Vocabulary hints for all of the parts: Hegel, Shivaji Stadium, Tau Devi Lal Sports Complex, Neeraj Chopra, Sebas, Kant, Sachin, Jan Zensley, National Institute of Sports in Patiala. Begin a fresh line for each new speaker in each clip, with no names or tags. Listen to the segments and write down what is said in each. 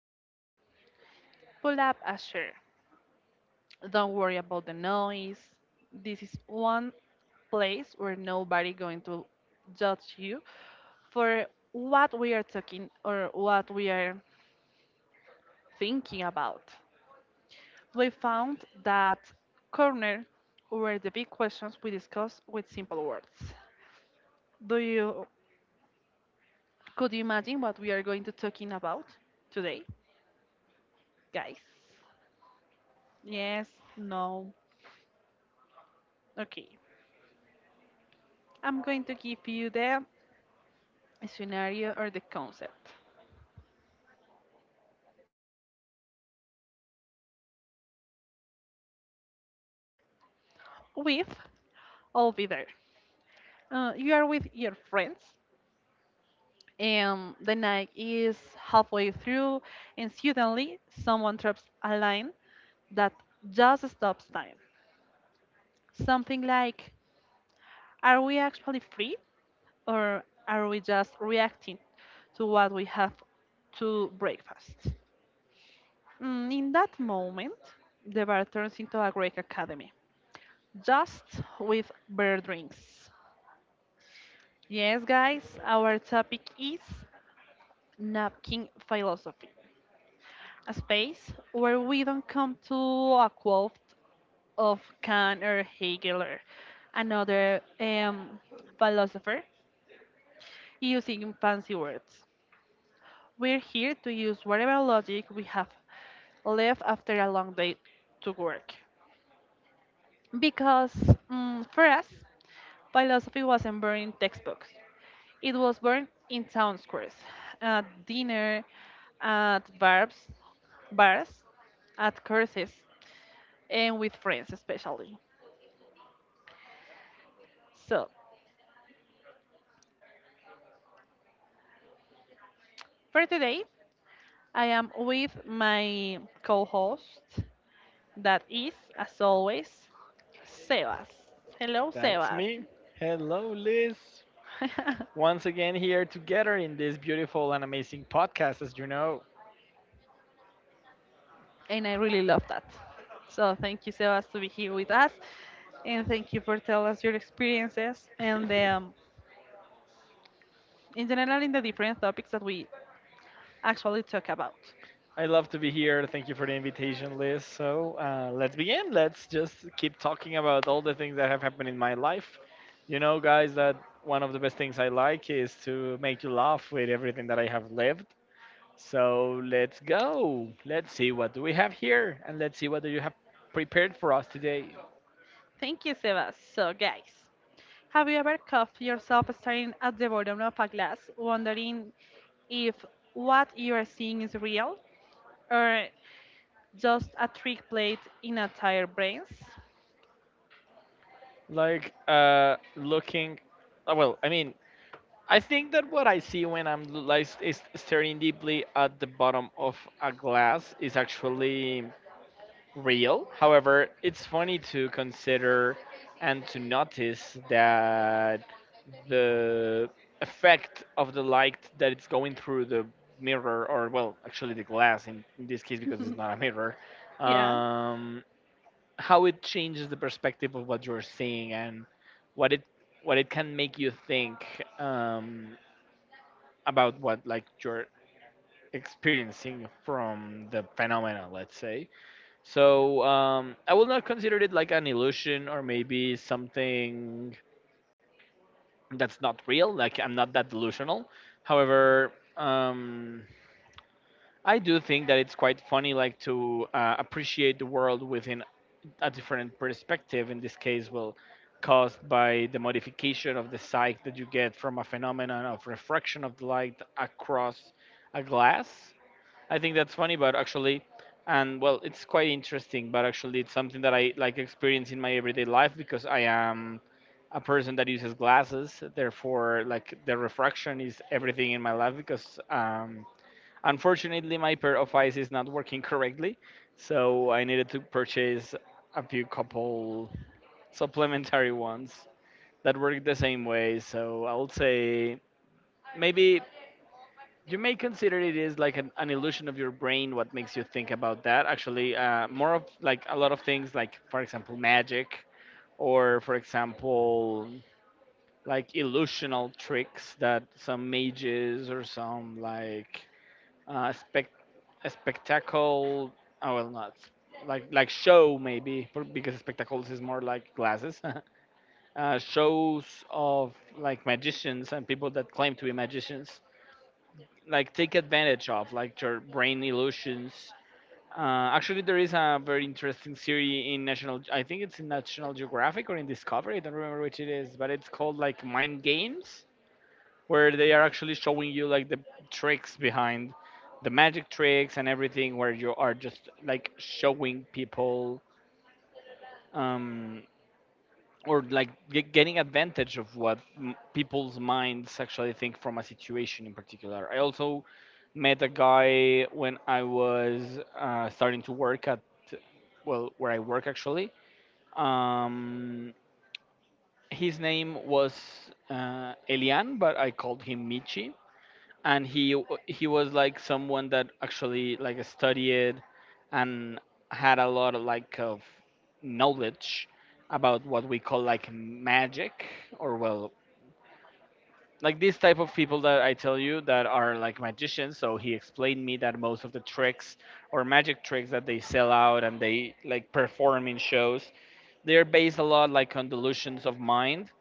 in, pull up a chair. Don't worry about the noise. This is one place where nobody going to judge you for what we are talking or what we are thinking about. We found that corner were the big questions we discussed with simple words. Do you Could you imagine what we are going to talking about today, guys? Yes, no. Okay. I'm going to give you the scenario or the concept. With I'll be there. You are with your friends and the night is halfway through and suddenly someone drops a line that just stops time. Something like, are we actually free or are we just reacting to what we have to breakfast? In that moment, the bar turns into a Greek academy, just with beer drinks. Yes, guys, our topic is napkin philosophy, a space where we don't come to a quote of Kant or Hegel or another philosopher using fancy words. We're here to use whatever logic we have left after a long day to work. Because for us, philosophy wasn't born in textbooks, it was born in town squares, at dinner, at bars, bars, at courses, and with friends especially. So, for today, I am with my co host. That is, as always, Sebas. Hello,
That's
Sebas.
me. Hello, Liz. Once again, here together in this beautiful and amazing podcast, as you know.
And I really love that. So thank you, Sebas, to be here with us, and thank you for telling us your experiences and in general in the different topics that we actually talk about.
I love to be here. Thank you for the invitation, Liz. So let's begin. Let's just keep talking about all the things that have happened in my life. You know, guys, that one of the best things I like is to make you laugh with everything that I have lived. So let's go. Let's see what do we have here, and let's see what do you have prepared for us today.
Thank you, Sebas. So, guys, have you ever caught yourself staring at the bottom of a glass, wondering if what you are seeing is real or just a trick played in a tired brains?
Like looking Well, I mean, I think that what I see when I'm l- like s- is staring deeply at the bottom of a glass is actually real. However, it's funny to consider and to notice that the effect of the light that it's going through the mirror, or well actually the glass in this case because it's not a mirror.
Yeah.
um how it changes the perspective of what you're seeing, and what it what it can make you think, um, about what, like, you're experiencing from the phenomena, let's say. So I will not consider it like an illusion or maybe something that's not real, like I'm not that delusional. However, um, I do think that it's quite funny, like to appreciate the world within a different perspective in this case, well, caused by the modification of the sight that you get from a phenomenon of refraction of the light across a glass. I think that's funny but actually, and well, it's quite interesting, but actually it's something that I like experience in my everyday life because I am a person that uses glasses, therefore like the refraction is everything in my life because unfortunately, my pair of eyes is not working correctly, so I needed to purchase a few couple supplementary ones that work the same way. So I would say maybe you may consider it is like an illusion of your brain what makes you think about that. Actually, more of like a lot of things, like for example, magic, or for example, like illusional tricks that some mages or some like spec a spectacle. Oh well, not like show maybe because spectacles is more like glasses. Shows of, like, magicians and people that claim to be magicians, like take advantage of like your brain illusions. Actually, there is a very interesting series in National. I think it's in National Geographic or in Discovery. I don't remember which it is, but it's called like Mind Games, where they are actually showing you like the tricks behind the magic tricks and everything, where you are just like showing people, um, or like getting advantage of what people's minds actually think from a situation in particular. I also met a guy when I was starting to work at, well, where I work actually. um, his name was Elian, but I called him Michi, and he was like someone that actually like studied and had a lot of like of knowledge about what we call like magic, or well, like these type of people that I tell you that are like magicians. So he explained me that most of the tricks or magic tricks that they sell out and they like perform in shows, they're based a lot like on delusions of mind,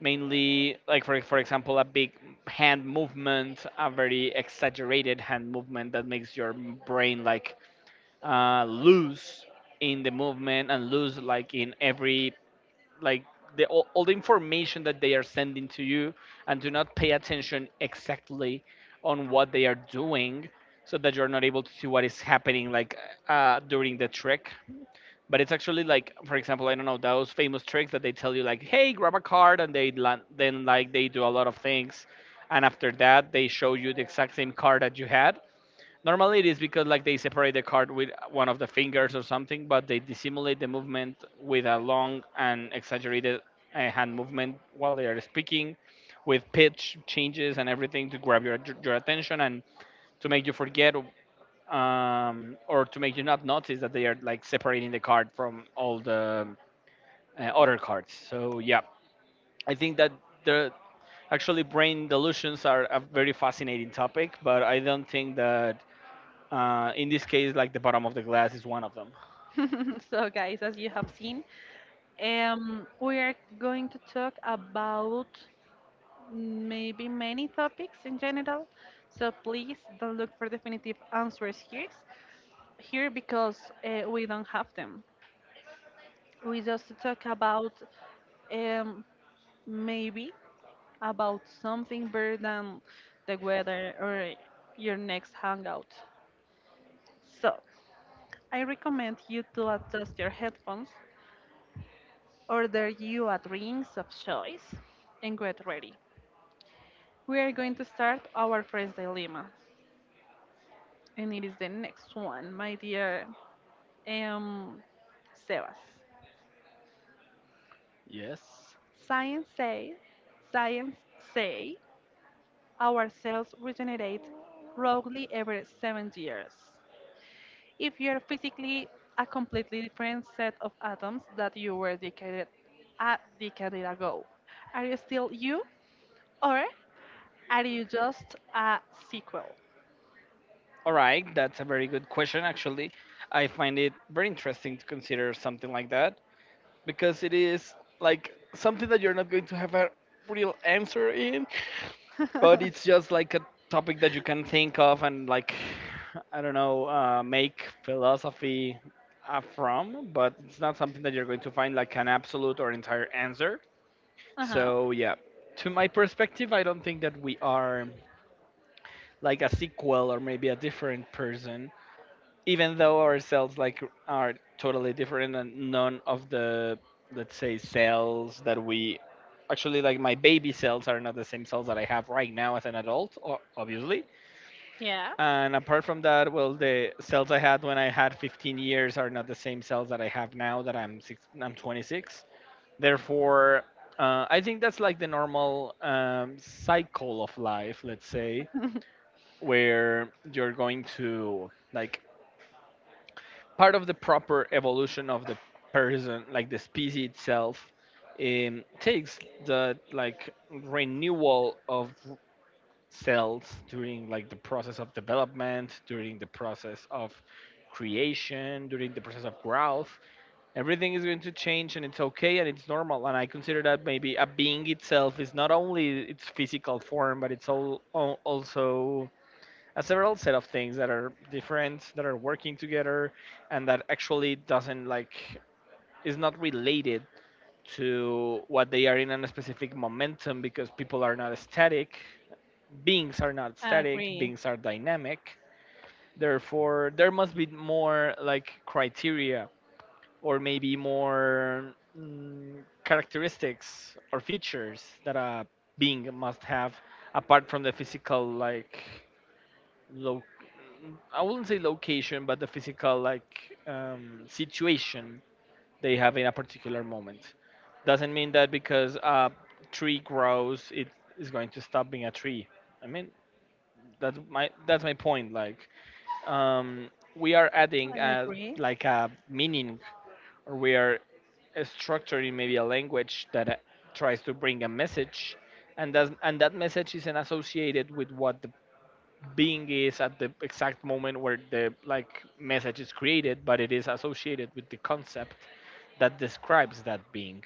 mainly like for example a big hand movement, a very exaggerated hand movement that makes your brain like loose in the movement and loose like in every, like, the all the information that they are sending to you and do not pay attention exactly on what they are doing, so that you're not able to see what is happening, like during the trick. But it's actually, like, for example, I don't know, those famous tricks that they tell you like, hey, grab a card, and they land, then like they do a lot of things, and after that they show you the exact same card that you had. Normally it is because like they separate the card with one of the fingers or something, but they dissimulate the movement with a long and exaggerated hand movement while they are speaking, with pitch changes and everything to grab your attention and to make you forget, or to make you not notice that they are like separating the card from all the other cards. So yeah, I think that the actually brain delusions are a very fascinating topic, but I don't think that in this case like the bottom of the glass is one of them.
So, guys, as you have seen, we are going to talk about maybe many topics in general. So please don't look for definitive answers here because we don't have them. We just talk about um, maybe about something better than the weather or your next hangout. So I recommend you to adjust your headphones, order you a drinks of choice, and get ready. We are going to start our first dilemma. And it is the next one, my dear um, Sebas.
Yes.
Science say, science say, our cells regenerate roughly every 7 years. If you're physically a completely different set of atoms that you were decade a decade ago, are you still you, or are you just a sequel?
All right, that's a very good question actually. I find it very interesting to consider something like that, because it is like something that you're not going to have a real answer in, but
Uh
it's just like a topic that you can think of and, like, I don't know, make philosophy from, but it's not something that you're going to find like an absolute or entire answer.
huh.
So yeah, to my perspective, I don't think that we are like a sequel or maybe a different person, even though our cells like are totally different and none of the, let's say, cells that we actually like, my baby cells are not the same cells that I have right now as an adult, obviously.
Yeah.
And apart from that, well, the cells I had when I had 15 years are not the same cells that I have now that I'm 26. Therefore, I think that's like the normal cycle of life, let's say, where you're going to like part of the proper evolution of the person, like the species itself, takes the, like, renewal of cells during like the process of development, during the process of creation, during the process of growth. Everything is going to change, and it's okay, and it's normal, and I consider that maybe a being itself is not only its physical form, but it's also a several set of things that are different, that are working together, and that actually doesn't like is not related to what they are in a specific momentum, because people are not static, beings are not
I
static,
agree.
beings are dynamic. Therefore, there must be more like criteria or maybe more characteristics or features that a being must have apart from the physical, like lo- I wouldn't say location, but the physical, like, situation they have in a particular moment. Doesn't mean that because a tree grows, it is going to stop being a tree. I mean, that's my point, like um we are adding
I
a,
agree.
like, a meaning, or we are structuring maybe a language that tries to bring a message, and that message isn't associated with what the being is at the exact moment where the like message is created, but it is associated with the concept that describes that being.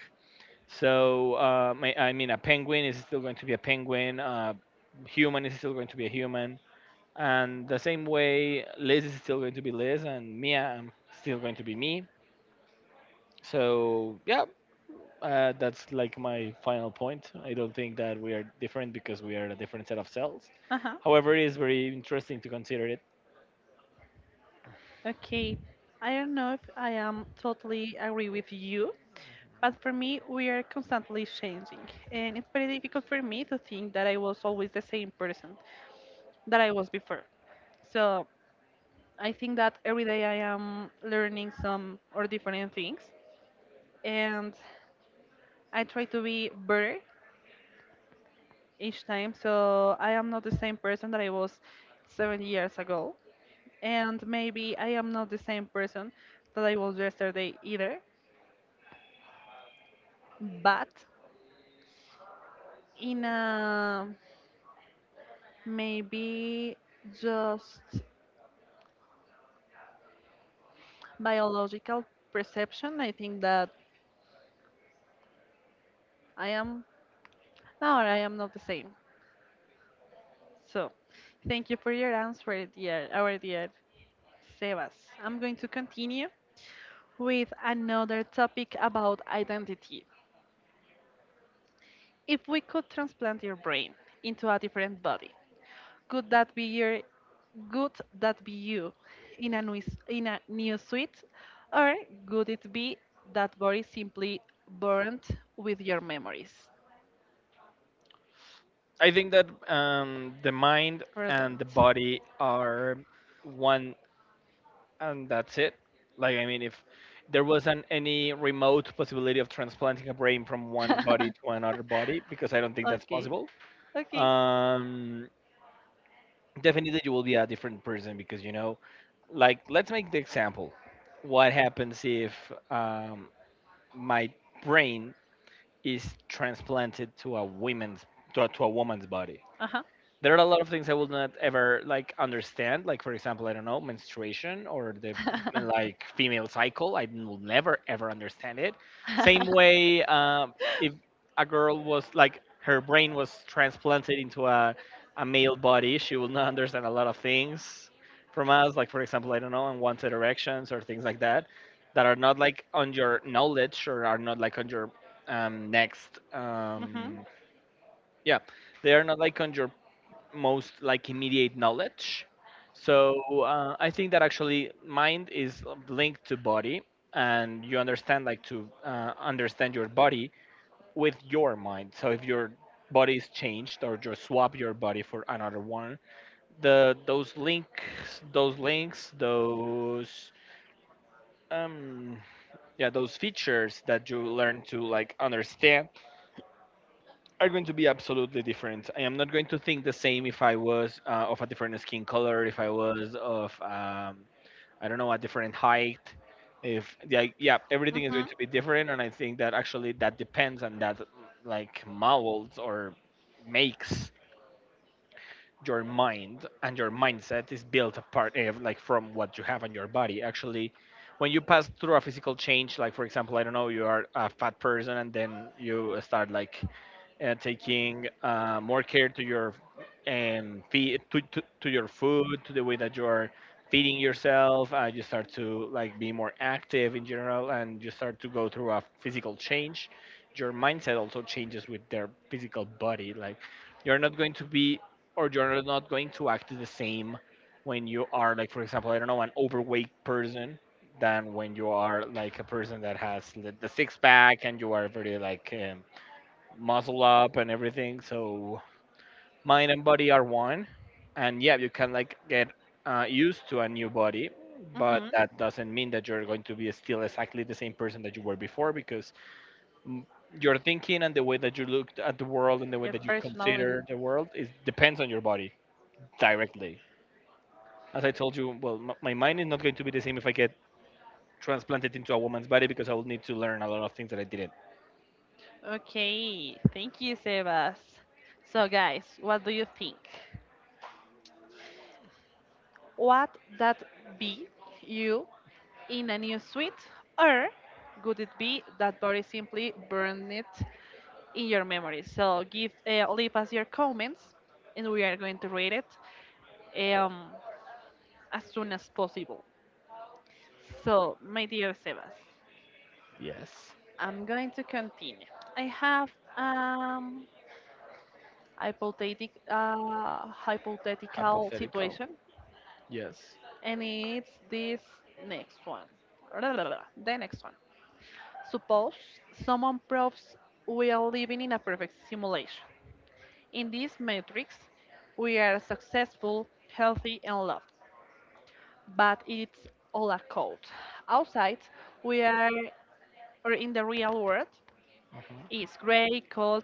So I mean, a penguin is still going to be a penguin, human is still going to be a human, and the same way Liz is still going to be Liz, and Mia, I'm still going to be me. So yeah, that's like my final point. I don't think that we are different because we are a different set of cells.
Uh huh.
However, it is very interesting to consider it.
Okay, I don't know if I am totally agree with you, but for me, we are constantly changing, and it's very difficult for me to think that I was always the same person that I was before. So I think that every day I am learning some or different things, and I try to be better each time. So I am not the same person that I was 7 years ago, and maybe I am not the same person that I was yesterday either. But in a maybe just biological perception, I think that I am no, I am not the same. So, thank you for your answer, dear our dear Sebas. I'm going to continue with another topic about identity. If we could transplant your brain into a different body, Could that be your could that be you in a new suite? Or could it be that body simply burnt with your memories?
I think that the mind and
Burdened.
the body are one, and that's it, like I mean, if there wasn't any remote possibility of transplanting a brain from one body to another body, because I don't think that's
Okay.
possible.
Okay.
um, Definitely you will be a different person, because, you know, like, let's make the example. What happens if my brain is transplanted to a women's to a woman's body?
Uh-huh.
There are a lot of things I will not ever like understand. Like for example, I don't know, menstruation or the, like, female cycle. I will never ever understand it. Same
Hmm.
way, if a girl was like her brain was transplanted into a male body, she will not understand a lot of things from us. Like for example, I don't know, unwanted erections or things like that, that are not like on your knowledge, or are not like on your next yeah they are not like on your most, like, immediate knowledge. So I think that actually mind is linked to body, and you understand, like, to understand your body with your mind. So if your body is changed or you swap your body for another one, the those links, those links, those um yeah those features that you learn to like understand are going to be absolutely different. I am not going to think the same if I was of a different skin color, if I was of I don't know a different height. If yeah, yeah, Everything is going
Hmm.
to be different, and I think that actually that depends on that, like, molds or makes your mind, and your mindset is built apart like from what you have on your body actually when you pass through a physical change. Like for example, I don't know, you are a fat person and then you start like taking more care to your feed, to your food, to the way that you are feeding yourself. You start to like be more active in general, and you start to go through a physical change. Your mindset also changes with their physical body. Like, you're not going to be, or you're not going to act the same when you are like, for example, I don't know, an overweight person, than when you are like a person that has the six pack, and you are very like, muscle up and everything. So mind and body are one, and yeah, you can like get used to a new body, but
Hmm.
that doesn't mean that you're going to be still exactly the same person that you were before, because mm, your thinking and the way that you look at the world and the way
Your
that you
personality.
consider the world is depends on your body directly. As I told you, well, my mind is not going to be the same if I get transplanted into a woman's body, because I will need to learn a lot of things that I didn't.
Okay, thank you, Sebas. So, guys, what do you think? Would that be you in a new suite, or could it be that Boris simply burned it in your memory? So, give leave us your comments, and we are going to read it um, as soon as possible. So, my dear Sebas,
Yes.
I'm going to continue. I have um, hypothetic, hypothetical
Hypothetical.
situation,
Yes.
and it's this next one. The next one. Suppose someone proves we are living in a perfect simulation. In this matrix, we are successful, healthy, and loved, but it's all a code. Outside, we are or in the real world,
Mhm.
it's gray, cold,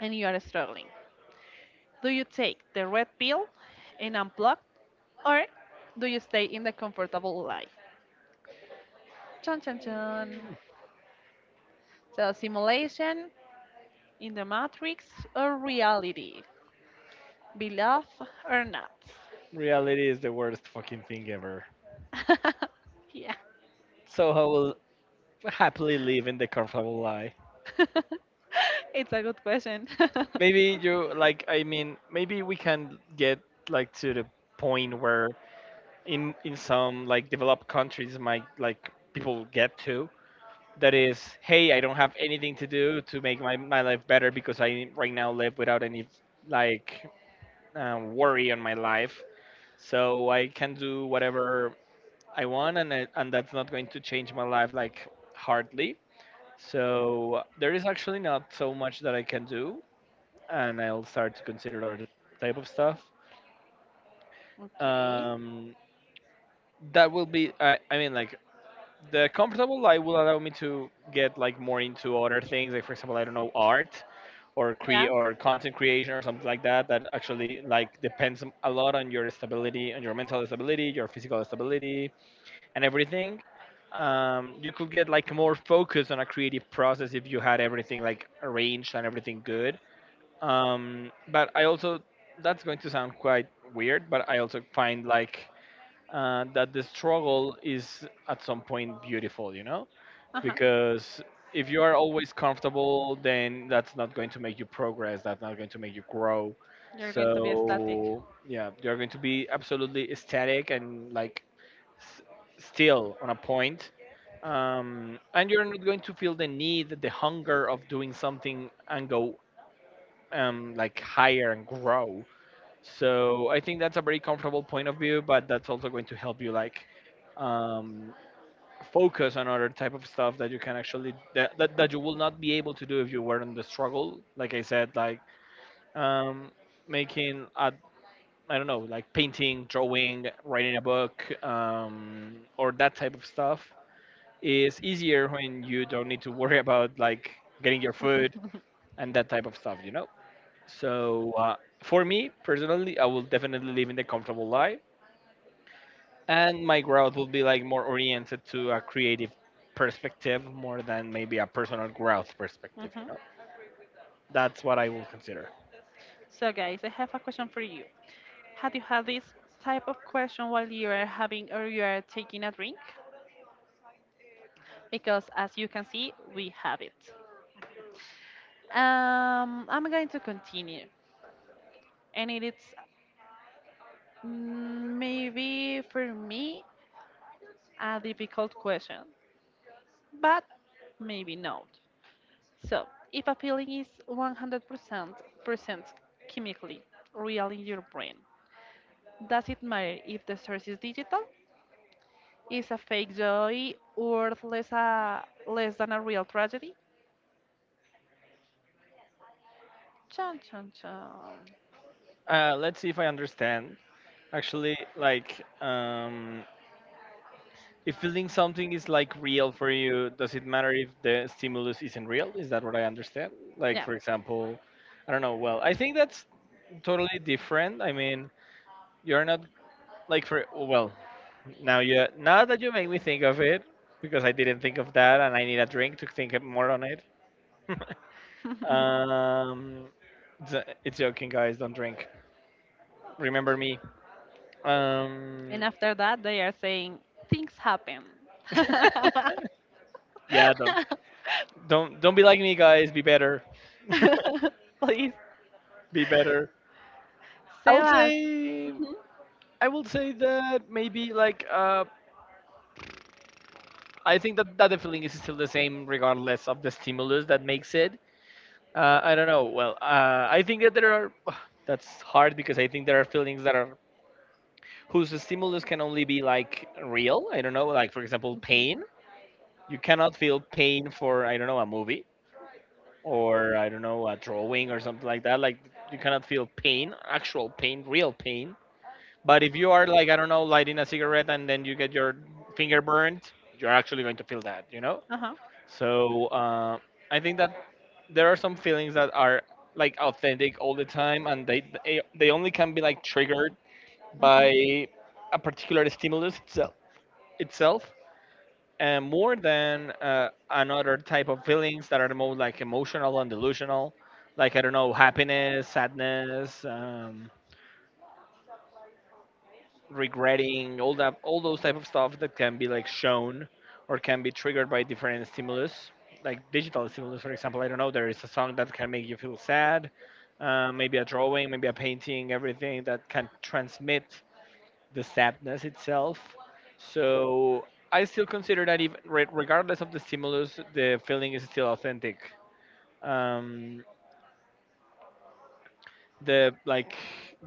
and you are struggling. Do you take the red pill and unplug, or do you stay in the comfortable life? Chun chun chun. So, simulation in the matrix or reality, beloved or not?
Reality is the worst fucking thing ever.
Yeah.
So I will happily live in the comfortable lie.
It's a good question.
Maybe you like. I mean, maybe we can get like to the point where in some like developed countries, might like people get to, that is, hey, I don't have anything to do to make my, my life better because I right now live without any like worry on my life. So I can do whatever I want, and it, and that's not going to change my life like hardly. So there is actually not so much that I can do, and I'll start to consider other type of stuff.
Okay.
Um, that will be, I mean, like, the comfortable life will allow me to get like more into other things. Like, for example, I don't know, art or cre
Yeah.
or content creation or something like that, that
Something.
actually like depends a lot on your stability, on your mental stability, your physical stability and everything. You could get like more focus on a creative process if you had everything like arranged and everything good. But I also, that's going to sound quite weird, but I also find like that the struggle is at some point beautiful, you know,
Uh-huh.
because if you are always comfortable, then that's not going to make you progress, that's not going to make you grow.
You're going to served be observing, static.
So yeah, you're going to be absolutely static and like s- still on a point. And you're not going to feel the need, the hunger of doing something and go like higher and grow. So I think that's a very comfortable point of view, but that's also going to help you like um, focus on other type of stuff that you can actually, that you will not be able to do if you were in the struggle, like I said. Like, um, making a, I don't know, like painting, drawing, writing a book, or that type of stuff is easier when you don't need to worry about like getting your food and that type of stuff, you know. So for me personally, I will definitely live in the comfortable life, and my growth will be like more oriented to a creative perspective more than maybe a personal growth perspective, you
Mhm.
know. That's what I will consider.
So, guys, I have a question for you. Have you had this type of question while you are having or you are taking a drink? Because as you can see, we have it. I'm going to continue, and it is maybe for me a difficult question, but maybe not. So, if a feeling is 100% present chemically, real in your brain, does it matter if the source is digital? Is a fake joy worth less than a real tragedy? Chan, chan,
Let's see if I understand, actually, like, if
chan.
feeling something is like real for you, does it matter if the stimulus isn't real? Is that what I understand? Like,
Yeah.
for example, I don't know. Well, I think that's totally different. I mean, you're not like, for well, now you, now that you make me think of it, because I didn't think of that, and I need a drink to think more on it. um, it's, it's joking, guys. Don't drink. Remember me. Um,
And after that, they are saying things happen.
yeah, don't be like me, guys. Be better.
Please,
Be better. I would
Sebas.
say,
Mhm.
I would say that maybe like I think that, that the feeling is still the same regardless of the stimulus that makes it. I don't know. Well, I think that there are. That's hard, because I think there are feelings that are whose stimulus can only be like real. I don't know. Like, for example, pain. You cannot feel pain for, I don't know, a movie or, I don't know, a drawing or something like that. Like, you cannot feel pain, actual pain, real pain. But if you are like, I don't know, lighting a cigarette and then you get your finger burnt, you're actually going to feel that. You know.
Uh huh.
So I think that there are some feelings that are like authentic all the time, and they only can be like triggered
Hmm.
by a particular stimulus itself, itself, and more than another type of feelings that are more like emotional and delusional, like, I don't know, happiness, sadness, regretting, all that, all those type of stuff that can be like shown or can be triggered by different stimulus, like digital stimulus. For example, I don't know, there is a song that can make you feel sad, maybe a drawing, maybe a painting, everything that can transmit the sadness itself. So I still consider that even regardless of the stimulus, the feeling is still authentic. Um, the like,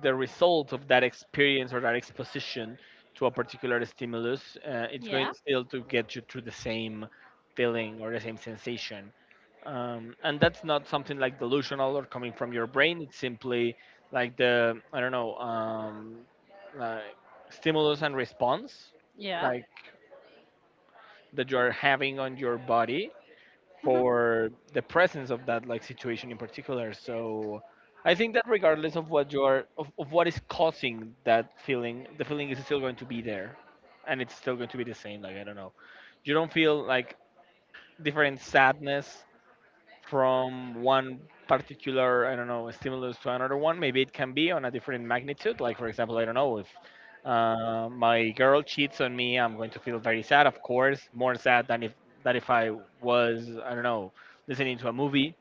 the result of that experience or that exposition to a particular stimulus, it's going
Yeah.
still to get you through the same feeling or the same sensation. And that's not something like delusional or coming from your brain. It's simply like the, I don't know, like stimulus and response,
Yeah.
like, that you are having on your body
Mhm.
for the presence of that like situation in particular. So I think that regardless of what you're of what is causing that feeling, the feeling is still going to be there, and it's still going to be the same, like, I don't know, you don't feel like different sadness from one particular, I don't know, stimulus to another one. Maybe it can be on a different magnitude, like for example, I don't know, if my girl cheats on me, I'm going to feel very sad, of course more sad than if that, if I was, I don't know, listening to a movie,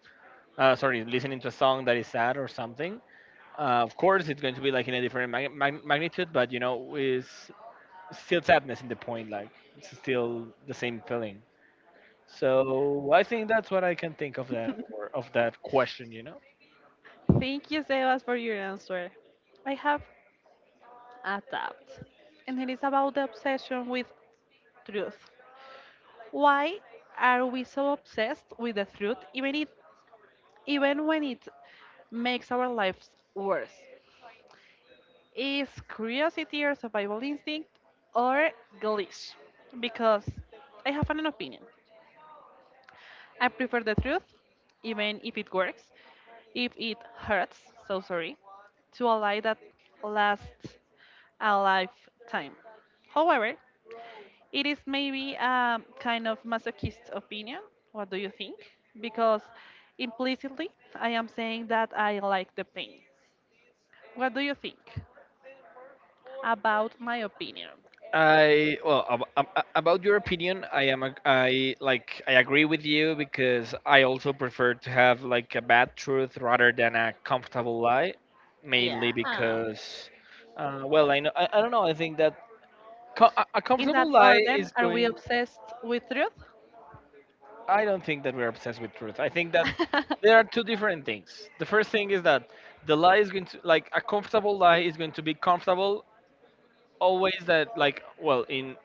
sorry, listening to a song that is sad or something. Uh, of course it's going to be like in a different magnitude, but you know, is still sadness in the point, like, it's still the same feeling. So I think that's what I can think of that, or of that question. You know.
Thank you, Sebas, for your answer. I have adapt, and it is about the obsession with truth. Why are we so obsessed with the truth, even if, even when it makes our lives worse? Is curiosity or survival instinct or glitch? Because I have an opinion. I prefer the truth, even if it works, if it hurts, so sorry, to a lie that lasts a lifetime. However, it is maybe a kind of masochist opinion. What do you think? Because implicitly, I am saying that I like the pain. What do you think about my opinion?
I, well, about your opinion, I am I like, I agree with you, because I also prefer to have like a bad truth rather than a comfortable lie, mainly
Yeah.
because well, I know, I don't know, I think that a
In that
comfortable lie
order,
is
are we
going.
obsessed with truth?
I don't think that we're obsessed with truth. I think that there are two different things. The first thing is that the lie is going to, like, a comfortable lie is going to be comfortable always that, like, well,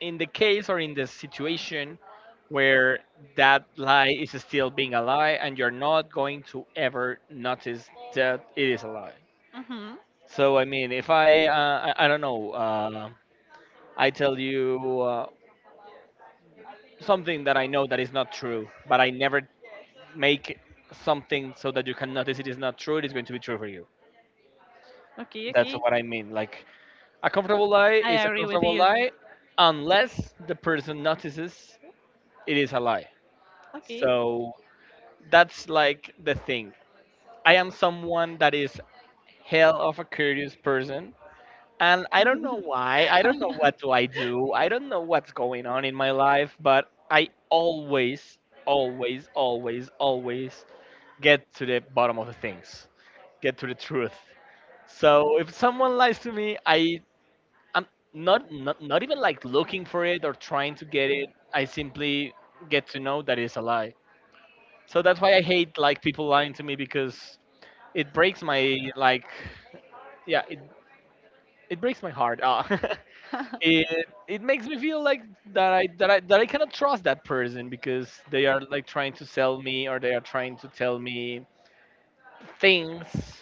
in the case or in the situation where that lie is still being a lie and you're not going to ever notice that it is a lie.
Hmm.
So I mean, if I, I don't know, I tell you something that I know that is not true, but I never make something so that you can notice it is not true, it is going to be true for you.
Okay,
That's
okay.
what I mean. Like, a comfortable lie
I
is a
agree with
comfortable
you.
lie unless the person notices it is a lie.
Okay.
So that's like the thing. I am someone that is hell of a curious person. And I don't know why. I don't know what do. I don't know what's going on in my life, but I always, always, always, always get to the bottom of the things. Get to the truth. So if someone lies to me, I, I'm not even like looking for it or trying to get it. I simply get to know that it's a lie. So that's why I hate like people lying to me because it breaks my like, yeah, it breaks my heart. Ah, it it makes me feel like that I cannot trust that person because they are like trying to sell me, or they are trying to tell me things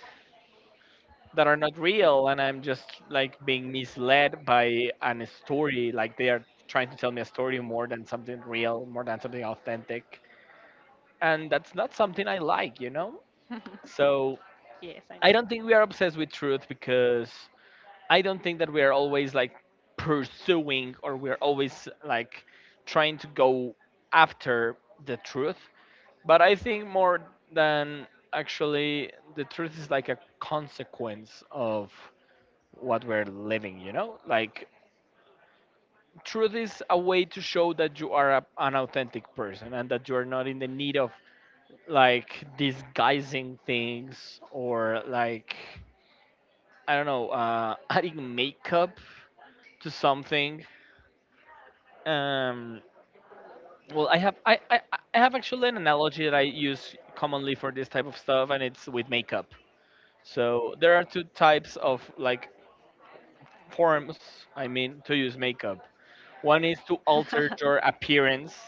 that are not real, and I'm just like being misled by an story. Like, they are trying to tell me a story more than something real, more than something authentic, and that's not something I like. So
Yes, I
I
know.
don't think we are obsessed with truth, because I don't think that we are always like pursuing, or we're always like trying to go after the truth. But I think more than actually the truth is like a consequence of what we're living, you know? Like, truth is a way to show that you are a, an authentic person, and that you are not in the need of like disguising things, or like I don't know, adding makeup to something. Um, well, I have actually an analogy that I use commonly for this type of stuff, and it's with makeup. So there are two types of like forms. I mean, to use makeup. One is to alter your appearance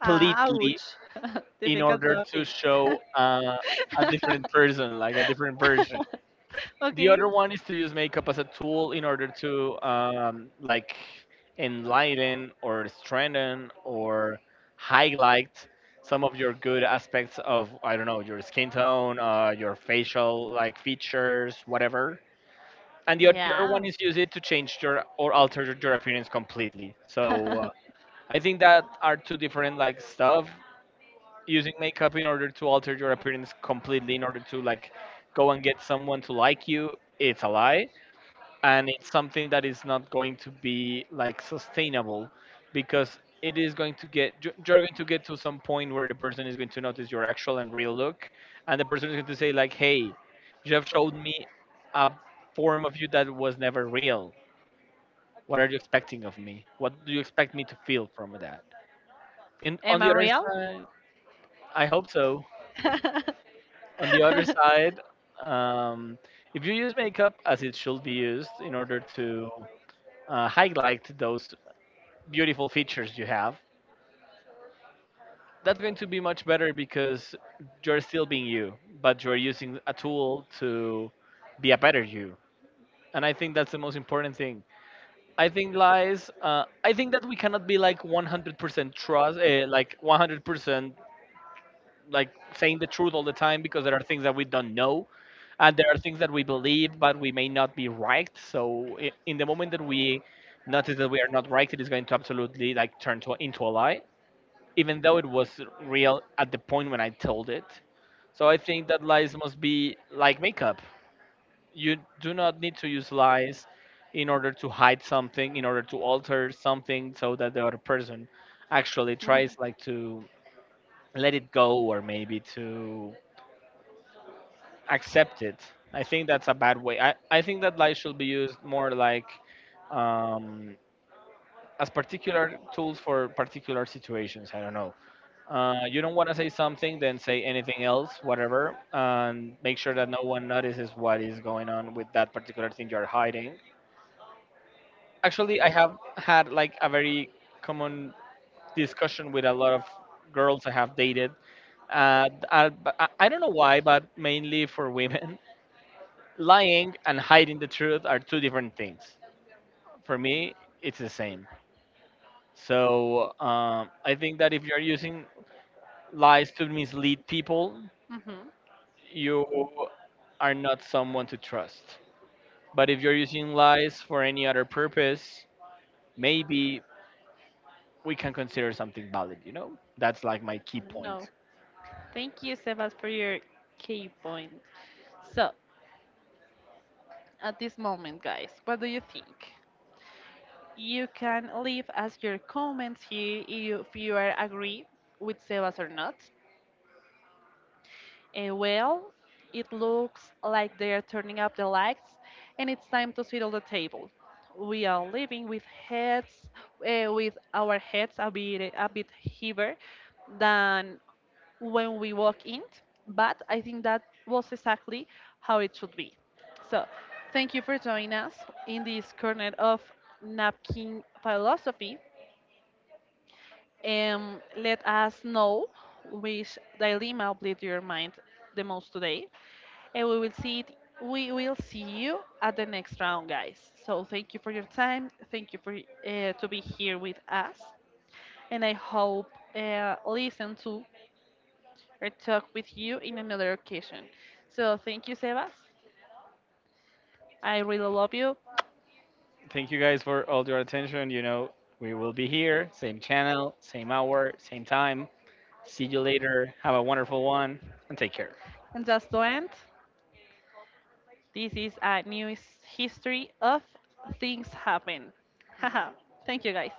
Ah, ouch.
in
Difficult
order to
topic.
show a different person, like a different version. The
Okay.
other one is to use makeup as a tool in order to like enlighten or strengthen or highlight some of your good aspects of I don't know your skin tone, your facial like features, whatever. And the other
Yeah.
one is use it to change your or alter your appearance completely. So I think that are two different like stuff. Using makeup in order to alter your appearance completely, in order to like go and get someone to like you, it's a lie, and it's something that is not going to be like sustainable, because it is going to you're going to get to some point where the person is going to notice your actual and real look, and the person is going to say like, hey, you have showed me a form of you that was never real. What are you expecting of me? What do you expect me to feel from that? In on
Am I
the other
real?
side, I hope so. On the other side, um, if you use makeup as it should be used in order to highlight those beautiful features you have, that's going to be much better, because you're still being you, but you're using a tool to be a better you. And I think that's the most important thing. I think lies. I think that we cannot be like 100% trust, like 100% like saying the truth all the time, because there are things that we don't know, and there are things that we believe but we may not be right. So in the moment that we notice that we are not right, it is going to absolutely like turn to into a lie, even though it was real at the point when I told it. So I think that lies must be like makeup. You do not need to use lies in order to hide something, in order to alter something so that the other person actually tries like to let it go, or maybe to accept it. I think that's a bad way. I think that lies should be used more like um, as particular tools for particular situations. I don't know. You don't want to say something, then say anything else, whatever, and make sure that no one notices what is going on with that particular thing you're hiding. Actually, I have had like a very common discussion with a lot of girls I have dated. Uh, I, I don't know why, but mainly for women, lying and hiding the truth are two different things. For me, it's the same. So I think that if you're using lies to mislead people,
Mhm.
you are not someone to trust. But if you're using lies for any other purpose, maybe we can consider something valid, you know? That's like my key
Mhm.
point.
No. Thank you, Sebas, for your key point. So, at this moment, guys. What do you think? You can leave us your comments here if you are agree with Sebas or not. Well, it looks like they're turning up the lights and it's time to settle the table. We are leaving with heads, with our heads a bit heavier than when we walk in, but I think that was exactly how it should be. So, thank you for joining us in this corner of napkin philosophy. Let us know which dilemma blew your mind the most today and we will see it. We will see you at the next round, guys. So thank you for your time. Thank you for to be here with us, and I hope listen to or talk with you in another occasion. So thank you, Sebas. I really love you.
Thank you guys for all your attention. You know, we will be here, same channel, same hour, same time. See you later. Have a wonderful one and take care.
And just to end, this is a new his- history of things happen. Haha. Thank you, guys.